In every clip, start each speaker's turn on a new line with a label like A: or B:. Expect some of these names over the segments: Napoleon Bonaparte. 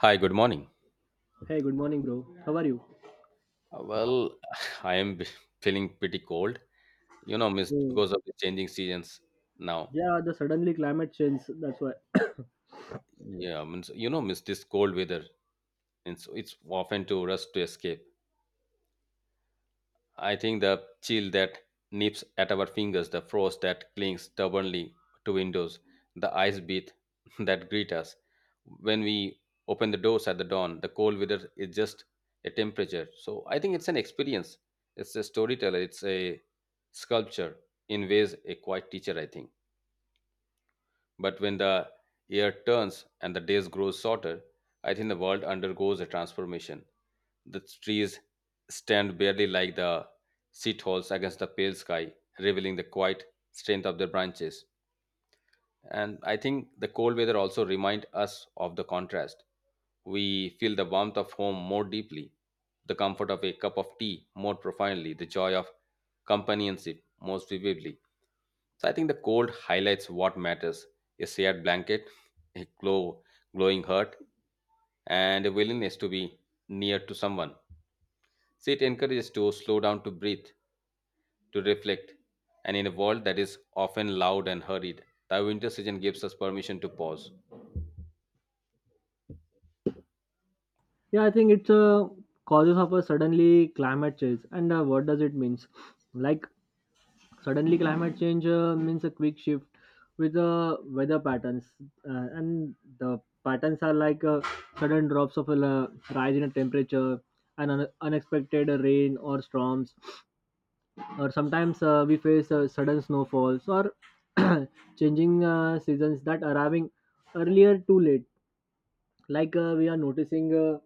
A: Hi, good morning.
B: Hey, good morning, bro. How are you?
A: Uh, Well, I am b- feeling pretty cold, you know, miss,
B: Oh,
A: because of the changing seasons now.
B: yeah, the suddenly climate change. That's why.
A: Yeah, means you know, miss this cold weather. And so it's often to rush to escape. I think the chill that nips at our fingers, the frost that clings stubbornly to windows, the ice beat that greet us. When we open the doors at the dawn, the cold weather is just a temperature. So I think it's an experience. It's a storyteller. It's a sculpture in ways a quiet teacher, I think. But when the year turns and the days grow shorter, I think the world undergoes a transformation. The trees stand barely like the seat holes against the pale sky, revealing the quiet strength of their branches. And I think the cold weather also reminds us of the contrast. We feel the warmth of home more deeply, the comfort of a cup of tea more profoundly, the joy of companionship most vividly. So I think the cold highlights what matters, a shared blanket, a glowing heart, and a willingness to be near to someone. So it encourages to slow down to breathe, to reflect, and in a world that is often loud and hurried, the winter season gives us permission to pause.
B: Yeah, I think it's causes of a suddenly climate change. And what does it means? Like suddenly climate change means a quick shift with the weather patterns, and the patterns are like sudden drops of rise in a temperature, and unexpected rain or storms or sometimes we face sudden snowfalls or changing seasons that arriving earlier too late like we are noticing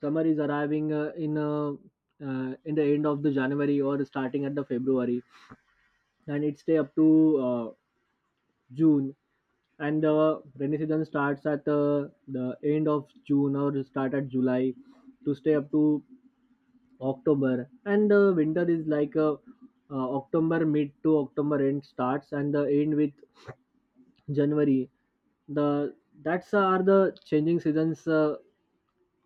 B: summer is arriving in the end of the january or starting at the february, and it stay up to uh, june, and the rainy season starts at the end of june or start at july to stay up to October, and the winter is like October mid to October end starts and the end with January. The that's are the changing seasons uh,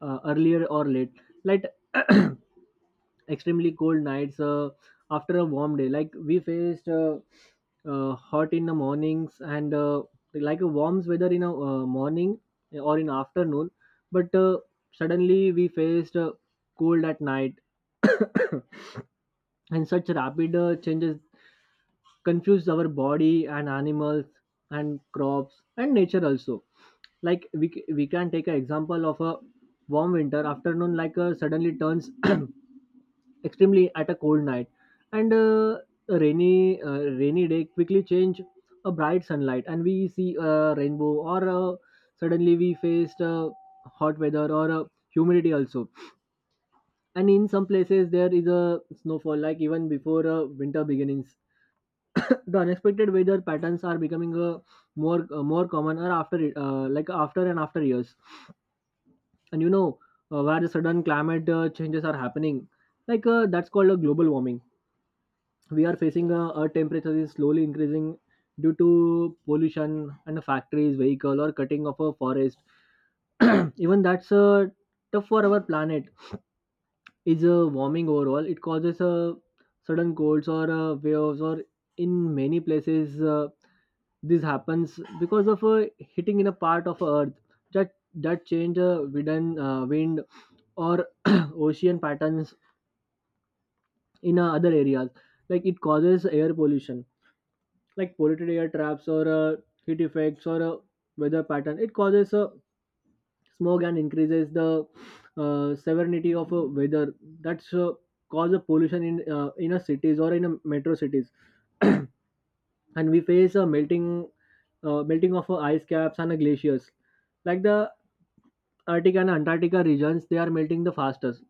B: uh, earlier or late. Like extremely cold nights after a warm day. Like we faced hot in the mornings and like a warm weather in a morning or in afternoon, but suddenly we faced cold at night, and such rapid changes confuse our body and animals and crops and nature also. Like we can take an example of a warm winter afternoon, like suddenly turns extremely at a cold night, and a rainy day quickly change a bright sunlight and we see a rainbow, or suddenly we faced hot weather or humidity also, and in some places there is a snowfall like even before winter beginnings. The unexpected weather patterns are becoming more common like after and after years. And you know, where the sudden climate changes are happening, like that's called a global warming. We are facing a temperature is slowly increasing due to pollution and factories, vehicle, or cutting of a forest. Even that's tough for our planet is warming overall. It causes sudden colds or waves or in many places, this happens because of a hitting in a part of Earth that change a wind or ocean patterns in other areas. Like it causes air pollution, like polluted air traps or heat effects or weather pattern. It causes smog and increases the severity of weather. That's cause a pollution in a cities or in a metro cities. And we face a melting of ice caps and glaciers, like the Arctic and Antarctica regions, they are melting the fastest.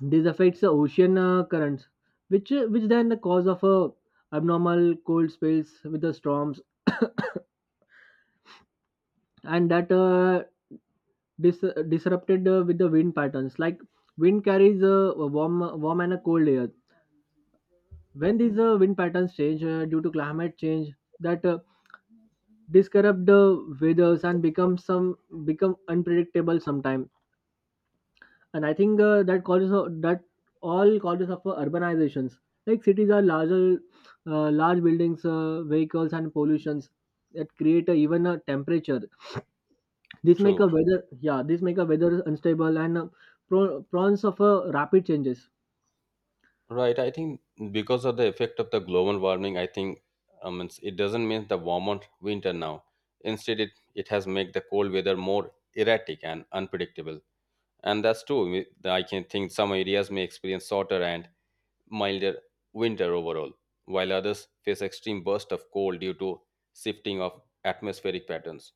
B: This affects the ocean currents, which which then the cause of a abnormal cold spells with the storms, and that dis- disrupted with the wind patterns. Like wind carries a warm and a cold air. When these wind patterns change due to climate change, that disrupt the weathers and become unpredictable sometimes. And I think that all causes of urbanizations, like cities are larger, large buildings, vehicles and pollutions that create even a temperature, this make a
A: True.
B: weather, yeah, this make a weather unstable and prawns of rapid changes.
A: Right. I think because of the effect of the global warming, I think it doesn't mean the warmer winter now. Instead, it has made the cold weather more erratic and unpredictable. And that's true. I can think some areas may experience shorter and milder winter overall, while others face extreme bursts of cold due to shifting of atmospheric patterns.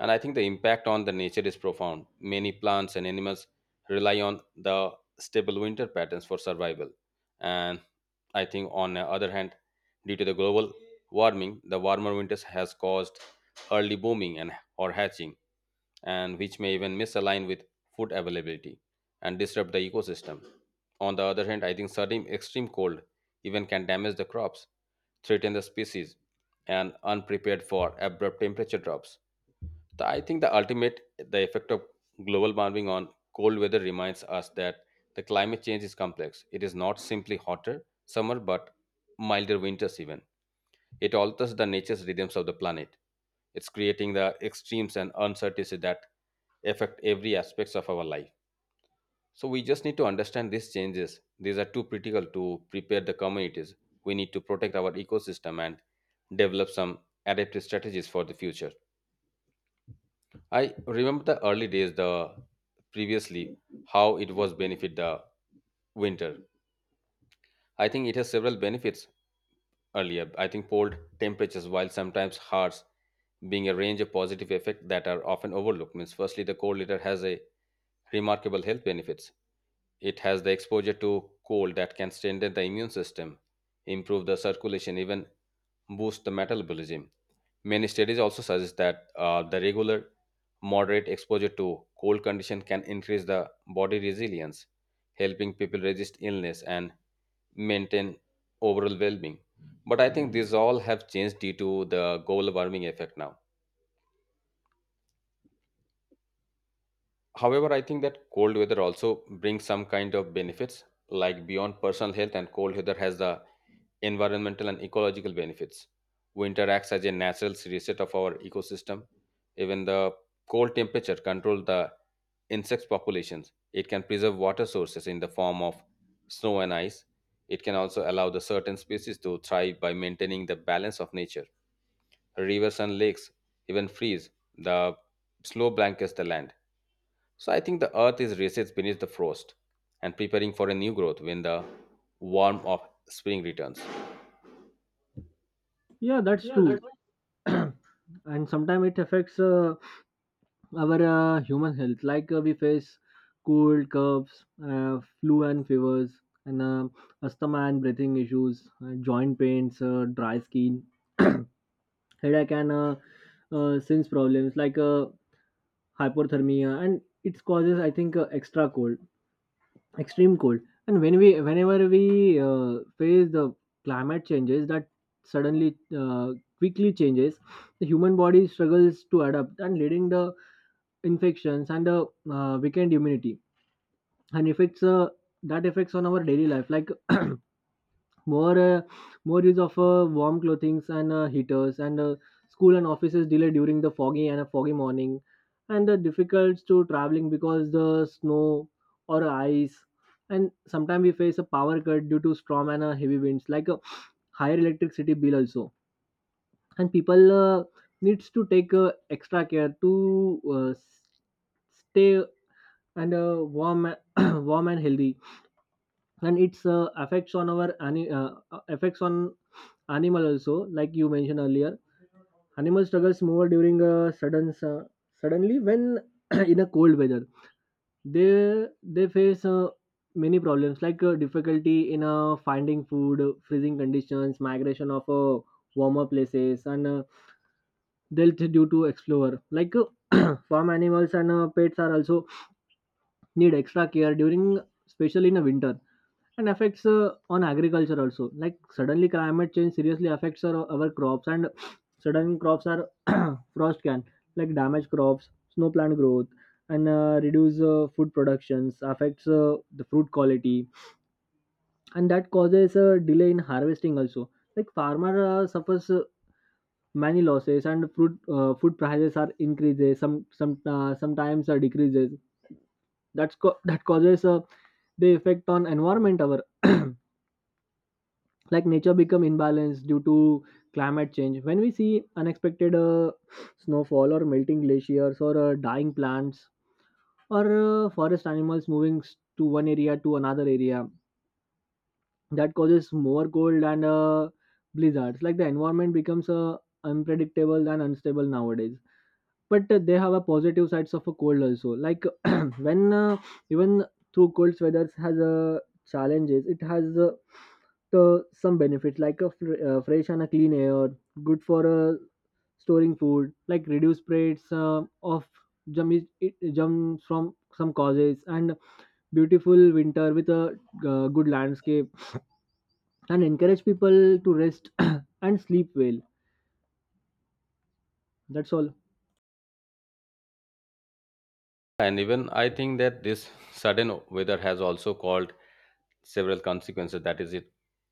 A: And I think the impact on the nature is profound. Many plants and animals rely on the stable winter patterns for survival. And I think on the other hand, due to the global warming, the warmer winters has caused early booming and or hatching, and which may even misalign with food availability and disrupt the ecosystem. On the other hand, I think sudden extreme cold even can damage the crops, threaten the species, and unprepared for abrupt temperature drops. I think the ultimate the effect of global warming on cold weather reminds us that the climate change is complex. It is not simply hotter summer but milder winters even. It alters the nature's rhythms of the planet. It's creating the extremes and uncertainty that affect every aspects of our life. So we just need to understand these changes. These are too critical to prepare the communities. We need to protect our ecosystem and develop some adaptive strategies for the future. I remember the early days, the previously how it was benefit the winter. I think it has several benefits earlier. I think cold temperatures, while sometimes harsh, being a range of positive effect that are often overlooked. Means firstly, the cold litter has a remarkable health benefits. It has the exposure to cold that can strengthen the immune system, improve the circulation, even boost the metabolism. Many studies also suggest that the regular moderate exposure to cold condition can increase the body resilience, helping people resist illness and maintain overall well-being. But I think these all have changed due to the global warming effect now. However, I think that cold weather also brings some kind of benefits, like beyond personal health, and cold weather has the environmental and ecological benefits. Winter acts as a natural reset of our ecosystem. Even the cold temperature controls the insect populations. It can preserve water sources in the form of snow and ice. It can also allow the certain species to thrive by maintaining the balance of nature. Rivers and lakes even freeze. The snow blankets the land, so I think the earth is recessed beneath the frost and preparing for a new growth when the warmth of spring returns.
B: Yeah, that's
A: Yeah, that's
B: true. And sometimes it affects our human health, like we face cold coughs, flu and fevers and asthma and breathing issues, joint pains, dry skin, headache, and since problems like hypothermia, and it causes I think extra cold, extreme cold. And whenever we face the climate changes that suddenly quickly changes, the human body struggles to adapt and leading the infections and the weakened immunity, and affects that affects on our daily life, like more uh, more use of warm clothings and heaters, and school and offices delay during the foggy and a foggy morning, and difficult to traveling because the snow or ice. And sometimes we face a power cut due to storm and heavy winds, like a higher electricity bill also. And people needs to take extra care to stay and warm warm and healthy. And its effects on animal also, like you mentioned earlier, animal struggles more during a suddenly when in a cold weather they face many problems, like difficulty in finding food, freezing conditions, migration of warmer places, and death due to explorer, like farm animals and pets are also need extra care during, especially in a winter. And affects on agriculture also, like suddenly climate change seriously affects our crops, and sudden crops are frost can like damage crops, snow plant growth, and reduce food productions, affects the fruit quality, and that causes a delay in harvesting also. Like farmer suffers many losses, and fruit food prices are increases, sometimes decreases. That causes the effect on environment our like nature become imbalanced due to climate change, when we see unexpected snowfall or melting glaciers or dying plants or forest animals moving to one area to another area, that causes more cold and blizzards. Like the environment becomes unpredictable and unstable nowadays. But they have a positive sides of a cold also, like when even through cold weather has challenges, it has the some benefits, like a fresh and a clean air, good for storing food, like reduce rates of germs from some causes, and beautiful winter with a good landscape, and encourage people to rest and sleep well. That's all.
A: And even I think that this sudden weather has also caused several consequences. That is,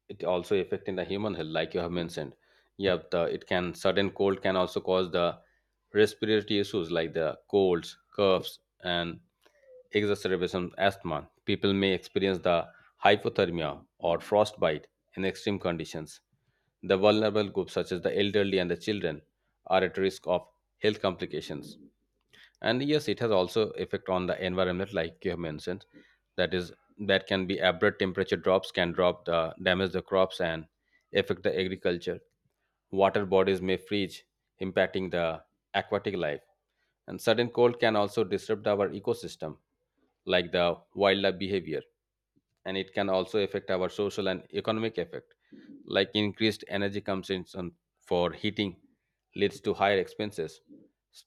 A: it also affecting the human health, like you have mentioned. Yeah, the it can sudden cold can also cause the respiratory issues like the colds, coughs, and exacerbation asthma. People may experience the hypothermia or frostbite in extreme conditions. The vulnerable groups, such as the elderly and the children, are at risk of health complications. And yes, it has also effect on the environment, like you have mentioned. That is, that can be abrupt temperature drops can drop the damage the crops and affect the agriculture. Water bodies may freeze, impacting the aquatic life. And sudden cold can also disrupt our ecosystem, like the wildlife behavior, and it can also affect our social and economic effect, like increased energy consumption for heating leads to higher expenses.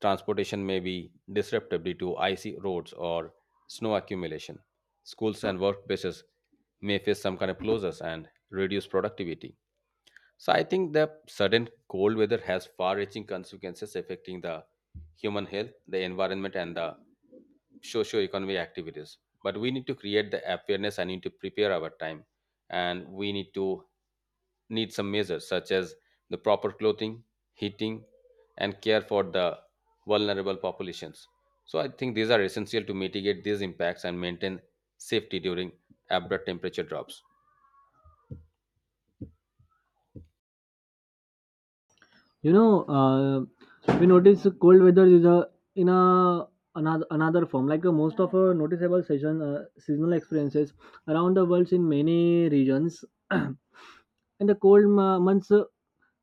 A: Transportation may be disrupted due to icy roads or snow accumulation. Schools and workplaces may face some kind of closures and reduce productivity. So I think the sudden cold weather has far-reaching consequences affecting the human health, the environment, and the socio-economic activities. But we need to create the awareness. I need to prepare our time, and we need to need some measures such as the proper clothing, heating, and care for the vulnerable populations. So I think these are essential to mitigate these impacts and maintain safety during abrupt temperature drops.
B: You know, we notice cold weather is a in a another form. Like most of our noticeable seasonal experiences around the world in many regions, and the cold months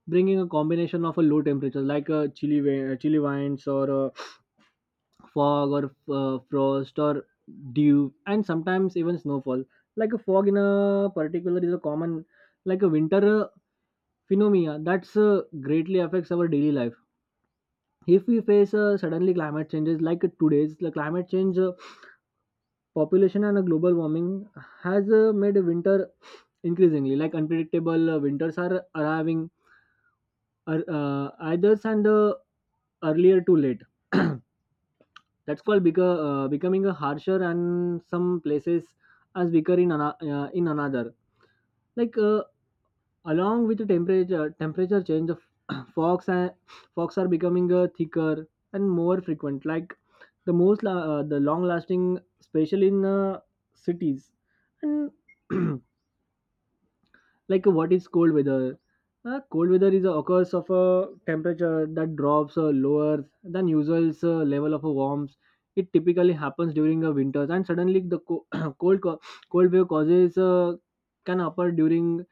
B: bringing a combination of a low temperature, like chilly winds, or fog, or frost, or dew, and sometimes even snowfall. Like a fog in a particular is a common, like a winter phenomena that's greatly affects our daily life if we face suddenly climate changes. Like today's the climate change, population and global warming has made winter increasingly like unpredictable. Winters are arriving either and earlier too late. That's called becoming a harsher and some places as weaker in, in another, like along with the temperature change, the f- fogs and fogs are becoming thicker and more frequent. Like the the long lasting, especially in cities, and like, what is cold weather? Cold weather is occurs of a temperature that drops lower than usual level of warmth. It typically happens during the winters, and suddenly the cold co- cold wave causes can occur during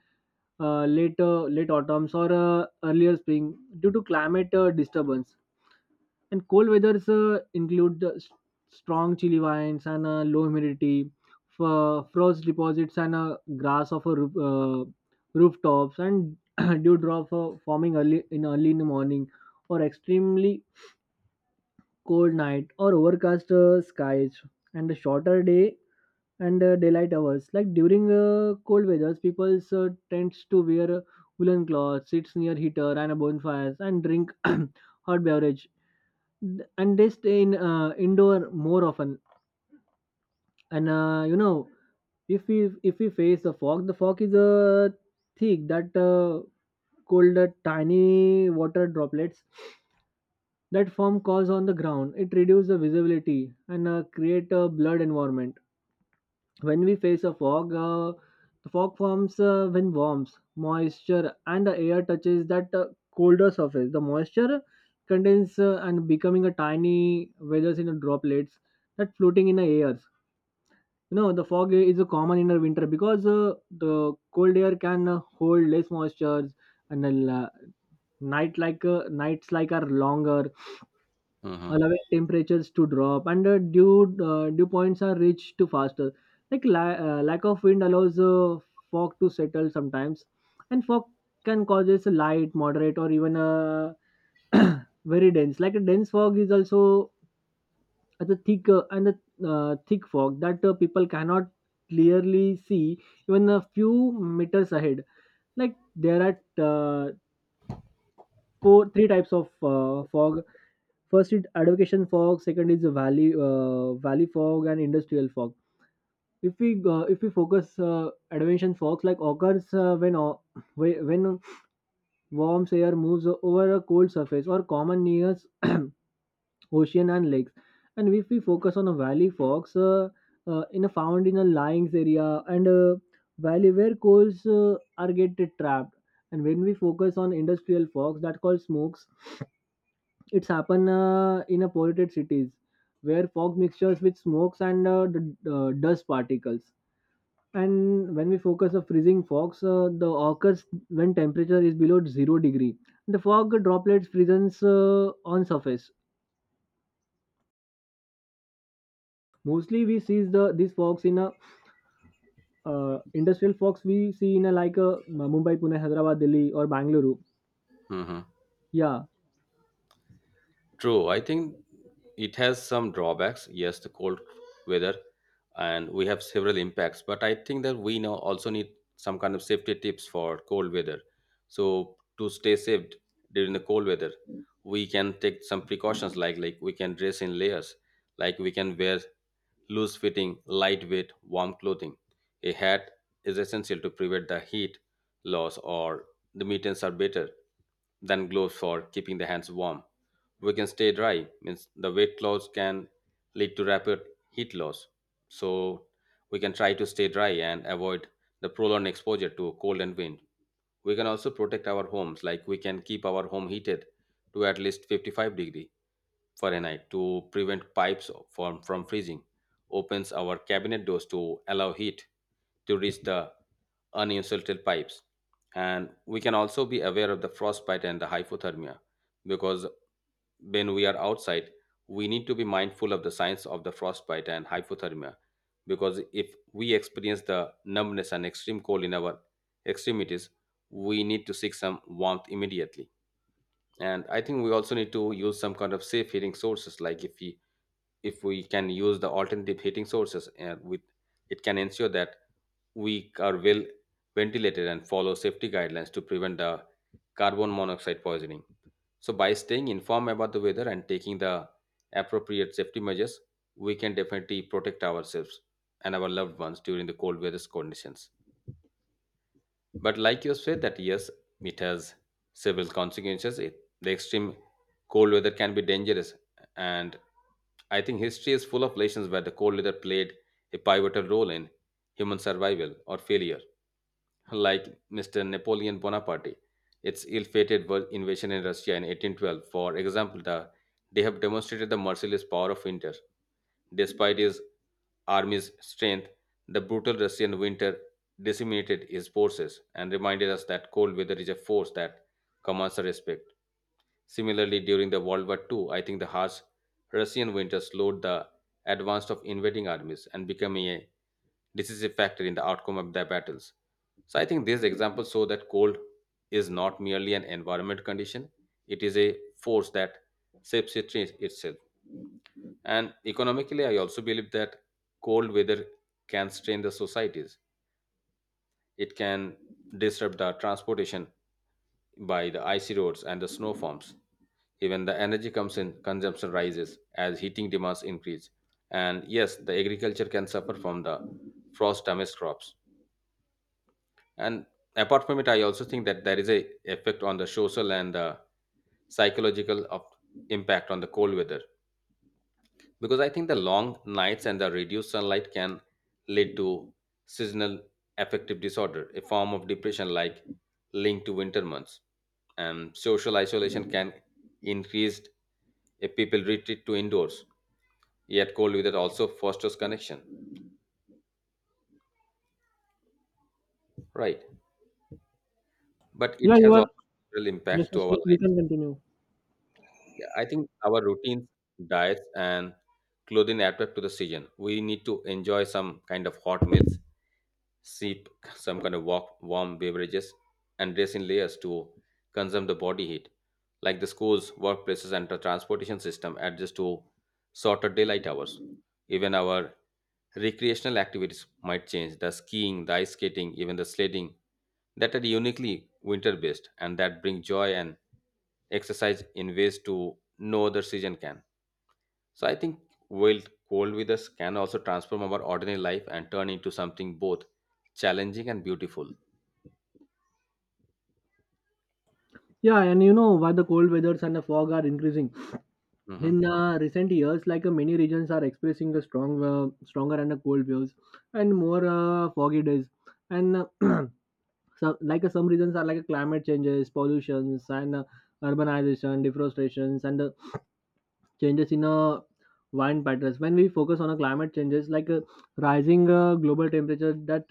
B: late autumns or earlier spring due to climate disturbance. And cold weathers include the strong chilly winds and low humidity, frost deposits and grass of a roof, rooftops, and dewdrop forming early in the morning, or extremely cold night, or overcast skies, and a shorter day and daylight hours. Like during cold weathers, people tends to wear woolen clothes, sits near heater and a bonfires, and drink hot beverage. And they stay in indoor more often. And you know, if we face the fog is thick that cold tiny water droplets that form cause on the ground. It reduces the visibility and create a blurred environment. When we face a fog, the fog forms when warms moisture and the air touches that colder surface. The moisture condenses and becoming a tiny weathers in the droplets that floating in the air. The fog is a common in the winter because the cold air can hold less moisture and night nights like are longer,
A: Hmm.
B: allowing temperatures to drop and dew points are reached to faster, like lack of wind allows fog to settle sometimes. And fog can causes a light moderate or even a very dense, like a dense fog is also as a thick and a thick fog that people cannot clearly see even a few meters ahead. Like there are uh, four three types of fog. First is advocation fog, second is valley fog, and industrial fog. If we if we focus advention fogs like occurs when when warm air moves over a cold surface or common near ocean and lakes. And if we focus on a valley fogs in a found in a lying area and valley where coals are get trapped. And when we focus on industrial fogs that called smokes, it's happen in a polluted cities where fog mixtures with smokes and dust particles. And when we focus on freezing fogs, the occurs when temperature is below zero degree. The fog droplets freezes on surface. Mostly, we see the these fogs in a industrial fogs we see in a like a Mumbai, Pune, Hyderabad, Delhi, or Bangalore.
A: Hmm.
B: Yeah,
A: True, I think it has some drawbacks. Yes, the cold weather, and we have several impacts. But I think that we now also need some kind of safety tips for cold weather. So to stay safe during the cold weather, we can take some precautions, like we can dress in layers, like we can wear loose fitting, lightweight, warm clothing. A hat is essential to prevent the heat loss, or the mittens are better than gloves for keeping the hands warm. We can stay dry, means the wet clothes can lead to rapid heat loss. So we can try to stay dry and avoid the prolonged exposure to cold and wind. We can also protect our homes, like we can keep our home heated to at least 55-degree Fahrenheit to prevent pipes from freezing, opens our cabinet doors to allow heat to reach the uninsulted pipes. And we can also be aware of the frostbite and the hypothermia because when we are outside, we need to be mindful of the signs of the frostbite and hypothermia, because if we experience the numbness and extreme cold in our extremities, we need to seek some warmth immediately. And I think we also need to use some kind of safe heating sources, like if we can use the alternative heating sources, and with it can ensure that we are well ventilated and follow safety guidelines to prevent the carbon monoxide poisoning. So by staying informed about the weather and taking the appropriate safety measures, we can definitely protect ourselves and our loved ones during the cold weather conditions. But like you said, that yes, it has several consequences. It, the extreme cold weather can be dangerous, and I think history is full of lessons where the cold weather played a pivotal role in human survival or failure. Like Mr. Napoleon Bonaparte, its ill-fated world invasion in Russia in 1812, for example, they have demonstrated the merciless power of winter. Despite his army's strength, the brutal Russian winter decimated his forces and reminded us that cold weather is a force that commands our respect. Similarly, during the World War II, I think the harsh Russian winter slowed the advance of invading armies and becoming a decisive factor in the outcome of their battles. So I think these examples show that cold is not merely an environment condition, it is a force that shapes it itself. And economically, I also believe that cold weather can strain the societies. It can disrupt the transportation by the icy roads and the snow forms. Even the energy comes in, consumption rises as heating demands increase. And yes, the agriculture can suffer from the frost damaged crops. And apart from it, I also think that there is a effect on the social and psychological of impact on the cold weather, because I think the long nights and the reduced sunlight can lead to seasonal affective disorder, a form of depression like linked to winter months, and social isolation can increase if people retreat to indoors. Yet cold weather also fosters connection, right, but it
B: yeah, you
A: has
B: are.
A: also real
B: Yes,
A: impact to
B: yes,
A: our
B: you
A: life.
B: can continue.
A: Yeah, I think our routines, diets, and clothing adapt to the season. We need to enjoy some kind of hot meals, sip some kind of warm beverages, and dress in layers to consume the body heat. Like the schools, workplaces, and the transportation system adjust to shorter daylight hours. Even our recreational activities might change. The skiing, the ice skating, even the sledding that are uniquely winter based and that bring joy and exercise in ways to no other season can. So I think wild cold weathers can also transform our ordinary life and turn into something both challenging and beautiful.
B: Yeah, and you know why the cold weathers and the fog are increasing.
A: Hmm.
B: In recent years, like many regions are expressing a strong, stronger and cold waves and more foggy days, and some like some reasons are like climate changes, pollutions, and urbanization, deforestations, and changes in wind patterns. When we focus on a climate changes, like rising global temperature that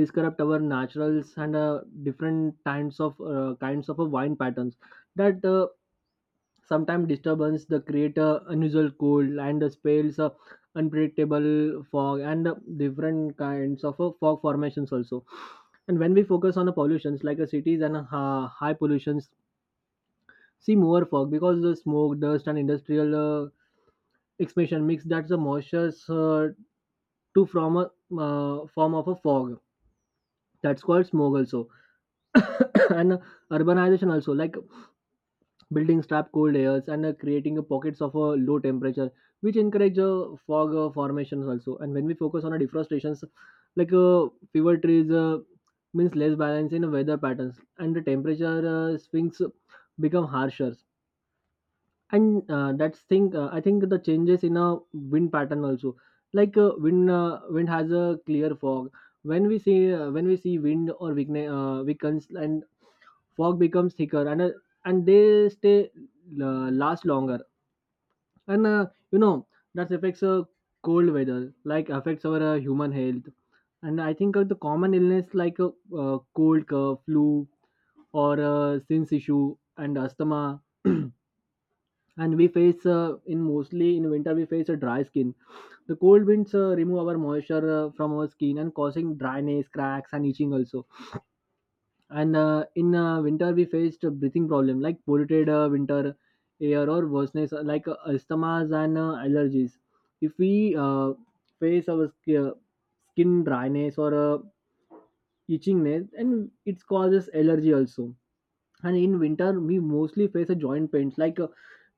B: disrupt our naturals and different kinds of wine patterns that sometimes disturbance the create unusual cold and the spells, unpredictable fog and different kinds of fog formations also. And when we focus on the pollutions, like cities and high pollutions see more fog because the smoke, dust, and industrial expansion mix that's the moistures to from a form of a fog. That's called smog also, and urbanization also, like buildings trap cold airs and creating pockets of a low temperature, which encourage fog formations also. And when we focus on deforestations, like fever trees means less balance in weather patterns, and the temperature swings become harsher. And that's thing I think the changes in a wind pattern also, like wind has a clear fog. When we see when we see wind or weakens and fog becomes thicker and they stay last longer. And uh, you know that affects cold weather, like affects our human health. And I think the common illness like cold cough, flu or sinus issue and asthma. And we face in mostly in winter we face a dry skin. The cold winds remove our moisture from our skin and causing dryness cracks and itching also. And in winter we faced a breathing problem like polluted winter air or worseness like asthmas and allergies. If we face our sk- uh, skin dryness or itchingness and it causes allergy also. And in winter we mostly face a joint pains, like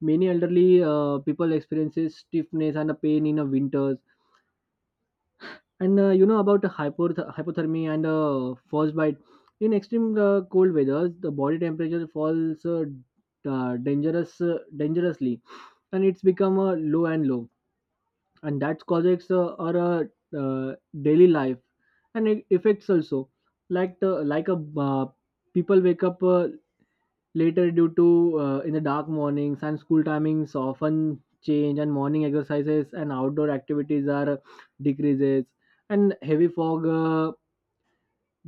B: many elderly people experiences stiffness and a pain in the winters. And about hypothermia and frostbite, in extreme cold weathers the body temperature falls dangerously and it's become low and low. And that causes our uh, daily life and it affects also, like like a people wake up later, due to in the dark mornings, and school timings often change, and morning exercises and outdoor activities are decreases, and heavy fog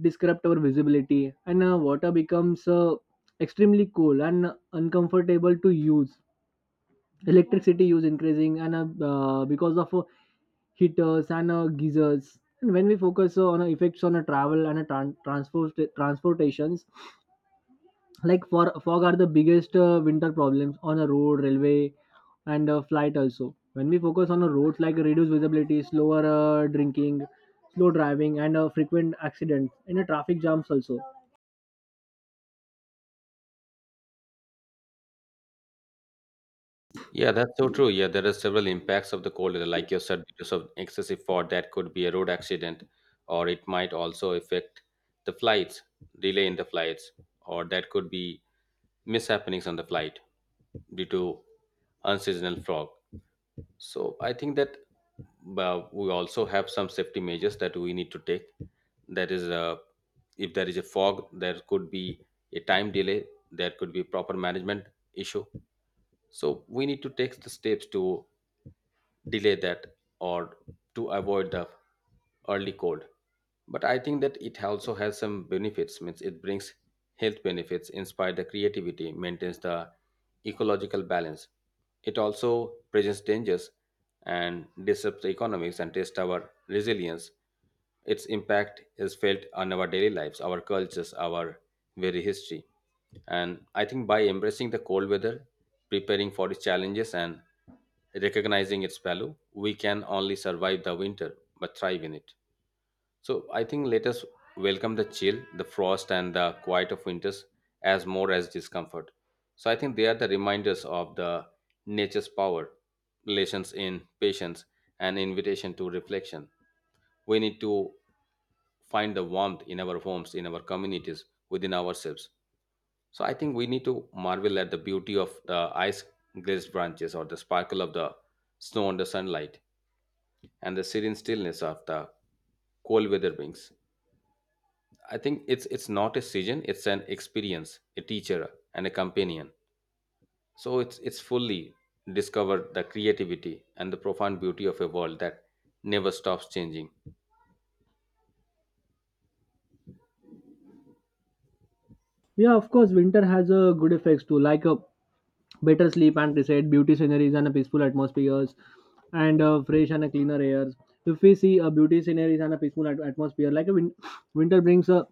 B: disrupt our visibility, and water becomes extremely cool and uncomfortable to use. Electricity use increasing, and because of heaters and geysers. And when we focus on effects on a travel and a transport transportations, like for fog are the biggest winter problems on a road railway and flight also. When we focus on a roads, like reduced visibility, slower drinking, slow driving and frequent accidents and traffic jams also.
A: Yeah, that's so true. Yeah, there are several impacts of the cold weather, like you said, because of excessive fog, that could be a road accident, or it might also affect the flights, delay in the flights, or that could be mishappenings on the flight due to unseasonal fog. So I think that we also have some safety measures that we need to take. That is, if there is a fog, there could be a time delay. There could be proper management issue. So we need to take the steps to delay that or to avoid the early cold. But I think that it also has some benefits. Means it brings health benefits, inspire the creativity, maintains the ecological balance. It also presents dangers and disrupts the economics and tests our resilience. Its impact is felt on our daily lives, our cultures, our very history. And I think by embracing the cold weather, preparing for its challenges, and recognizing its value, we can only survive the winter but thrive in it. So I think let us welcome the chill, the frost, and the quiet of winters as more as discomfort. So I think they are the reminders of the nature's power, relations in patience, and invitation to reflection. We need to find the warmth in our homes, in our communities, within ourselves. So I think we need to marvel at the beauty of the ice glazed branches or the sparkle of the snow under sunlight and the serene stillness of the cold weather wings. I think it's not a season, it's an experience, a teacher and a companion. So it's fully discovered the creativity and the profound beauty of a world that never stops changing.
B: Yeah, of course, winter has a good effects too, like better sleep and reset beauty sceneries and peaceful atmospheres and fresh and cleaner airs. If we see a beauty sceneries and a peaceful atmosphere, like a winter brings a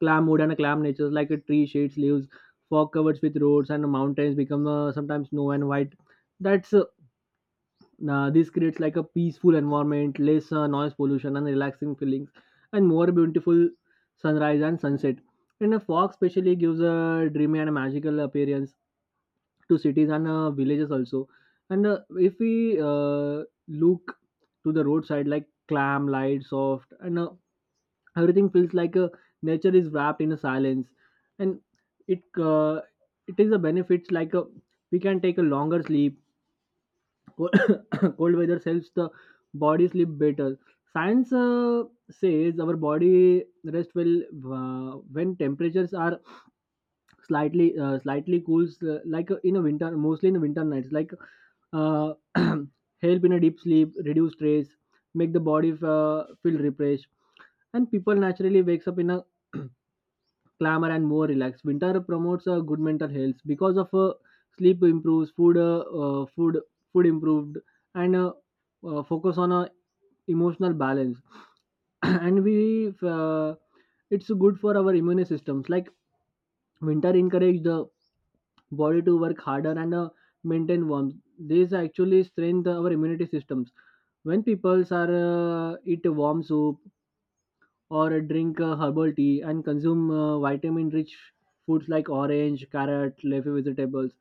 B: Clamwood and clam natures, like a tree shades leaves, fog covers with roads and mountains become sometimes snow and white. That's uh, this creates like a peaceful environment, less noise pollution, and relaxing feelings, and more beautiful sunrise and sunset. And a fog specially gives a dreamy and magical appearance to cities and villages also. And if we look to the roadside, like clam, light, soft, and everything feels like nature is wrapped in a silence, and it uh, it is a benefits, like we can take a longer sleep. Cold, cold weather helps the body sleep better. Science says our body rest well when temperatures are slightly cools, like in a winter, mostly in the winter nights, like help in a deep sleep, reduce stress, make the body feel refreshed, and people naturally wakes up in a clamor and more relaxed. Winter promotes good mental health because of sleep improves, food food improved, and focus on emotional balance. And we it's good for our immune systems. Like winter encourage the body to work harder and maintain warmth. This actually strengthen our immunity systems. When people are eat warm soup, or drink herbal tea and consume vitamin rich foods like orange, carrot, leafy vegetables.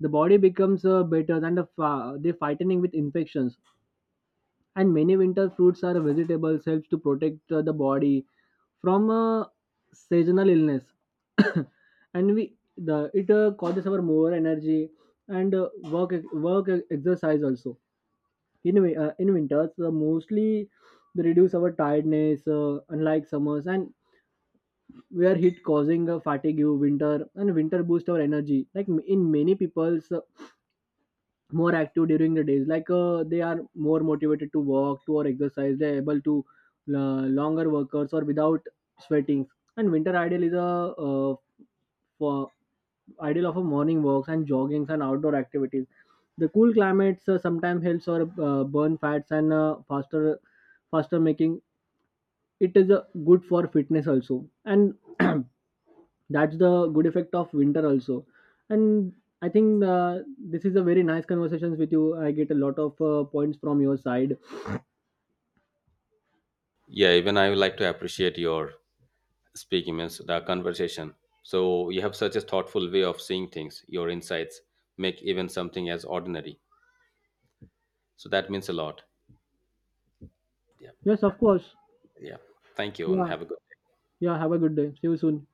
B: The body becomes better than the they fighting with infections. And many winter fruits or vegetables helps to protect the body from seasonal illness. And we the it causes our more energy and work work exercise also. In in winters, mostly they reduce our tiredness, unlike summers, and were hit causing a fatigue winter, and winter boost our energy, like in many people's more active during the days, like they are more motivated to walk to or exercise, they're able to longer workers or without sweating. And winter ideal is a for ideal of a morning walks and joggings and outdoor activities. The cool climates sometimes helps or burn fats and faster making it is good for fitness also. And that's the good effect of winter also. And I think this is a very nice conversations with you. I get a lot of points from your side.
A: Yeah, even I would like to appreciate your speaking means the conversation. So you have such a thoughtful way of seeing things. Your insights make even something as ordinary. So that means a lot. Yeah.
B: Yes, of course.
A: Yeah. Thank you and
B: Yeah.
A: have a good
B: Yeah, have a good day. See you soon.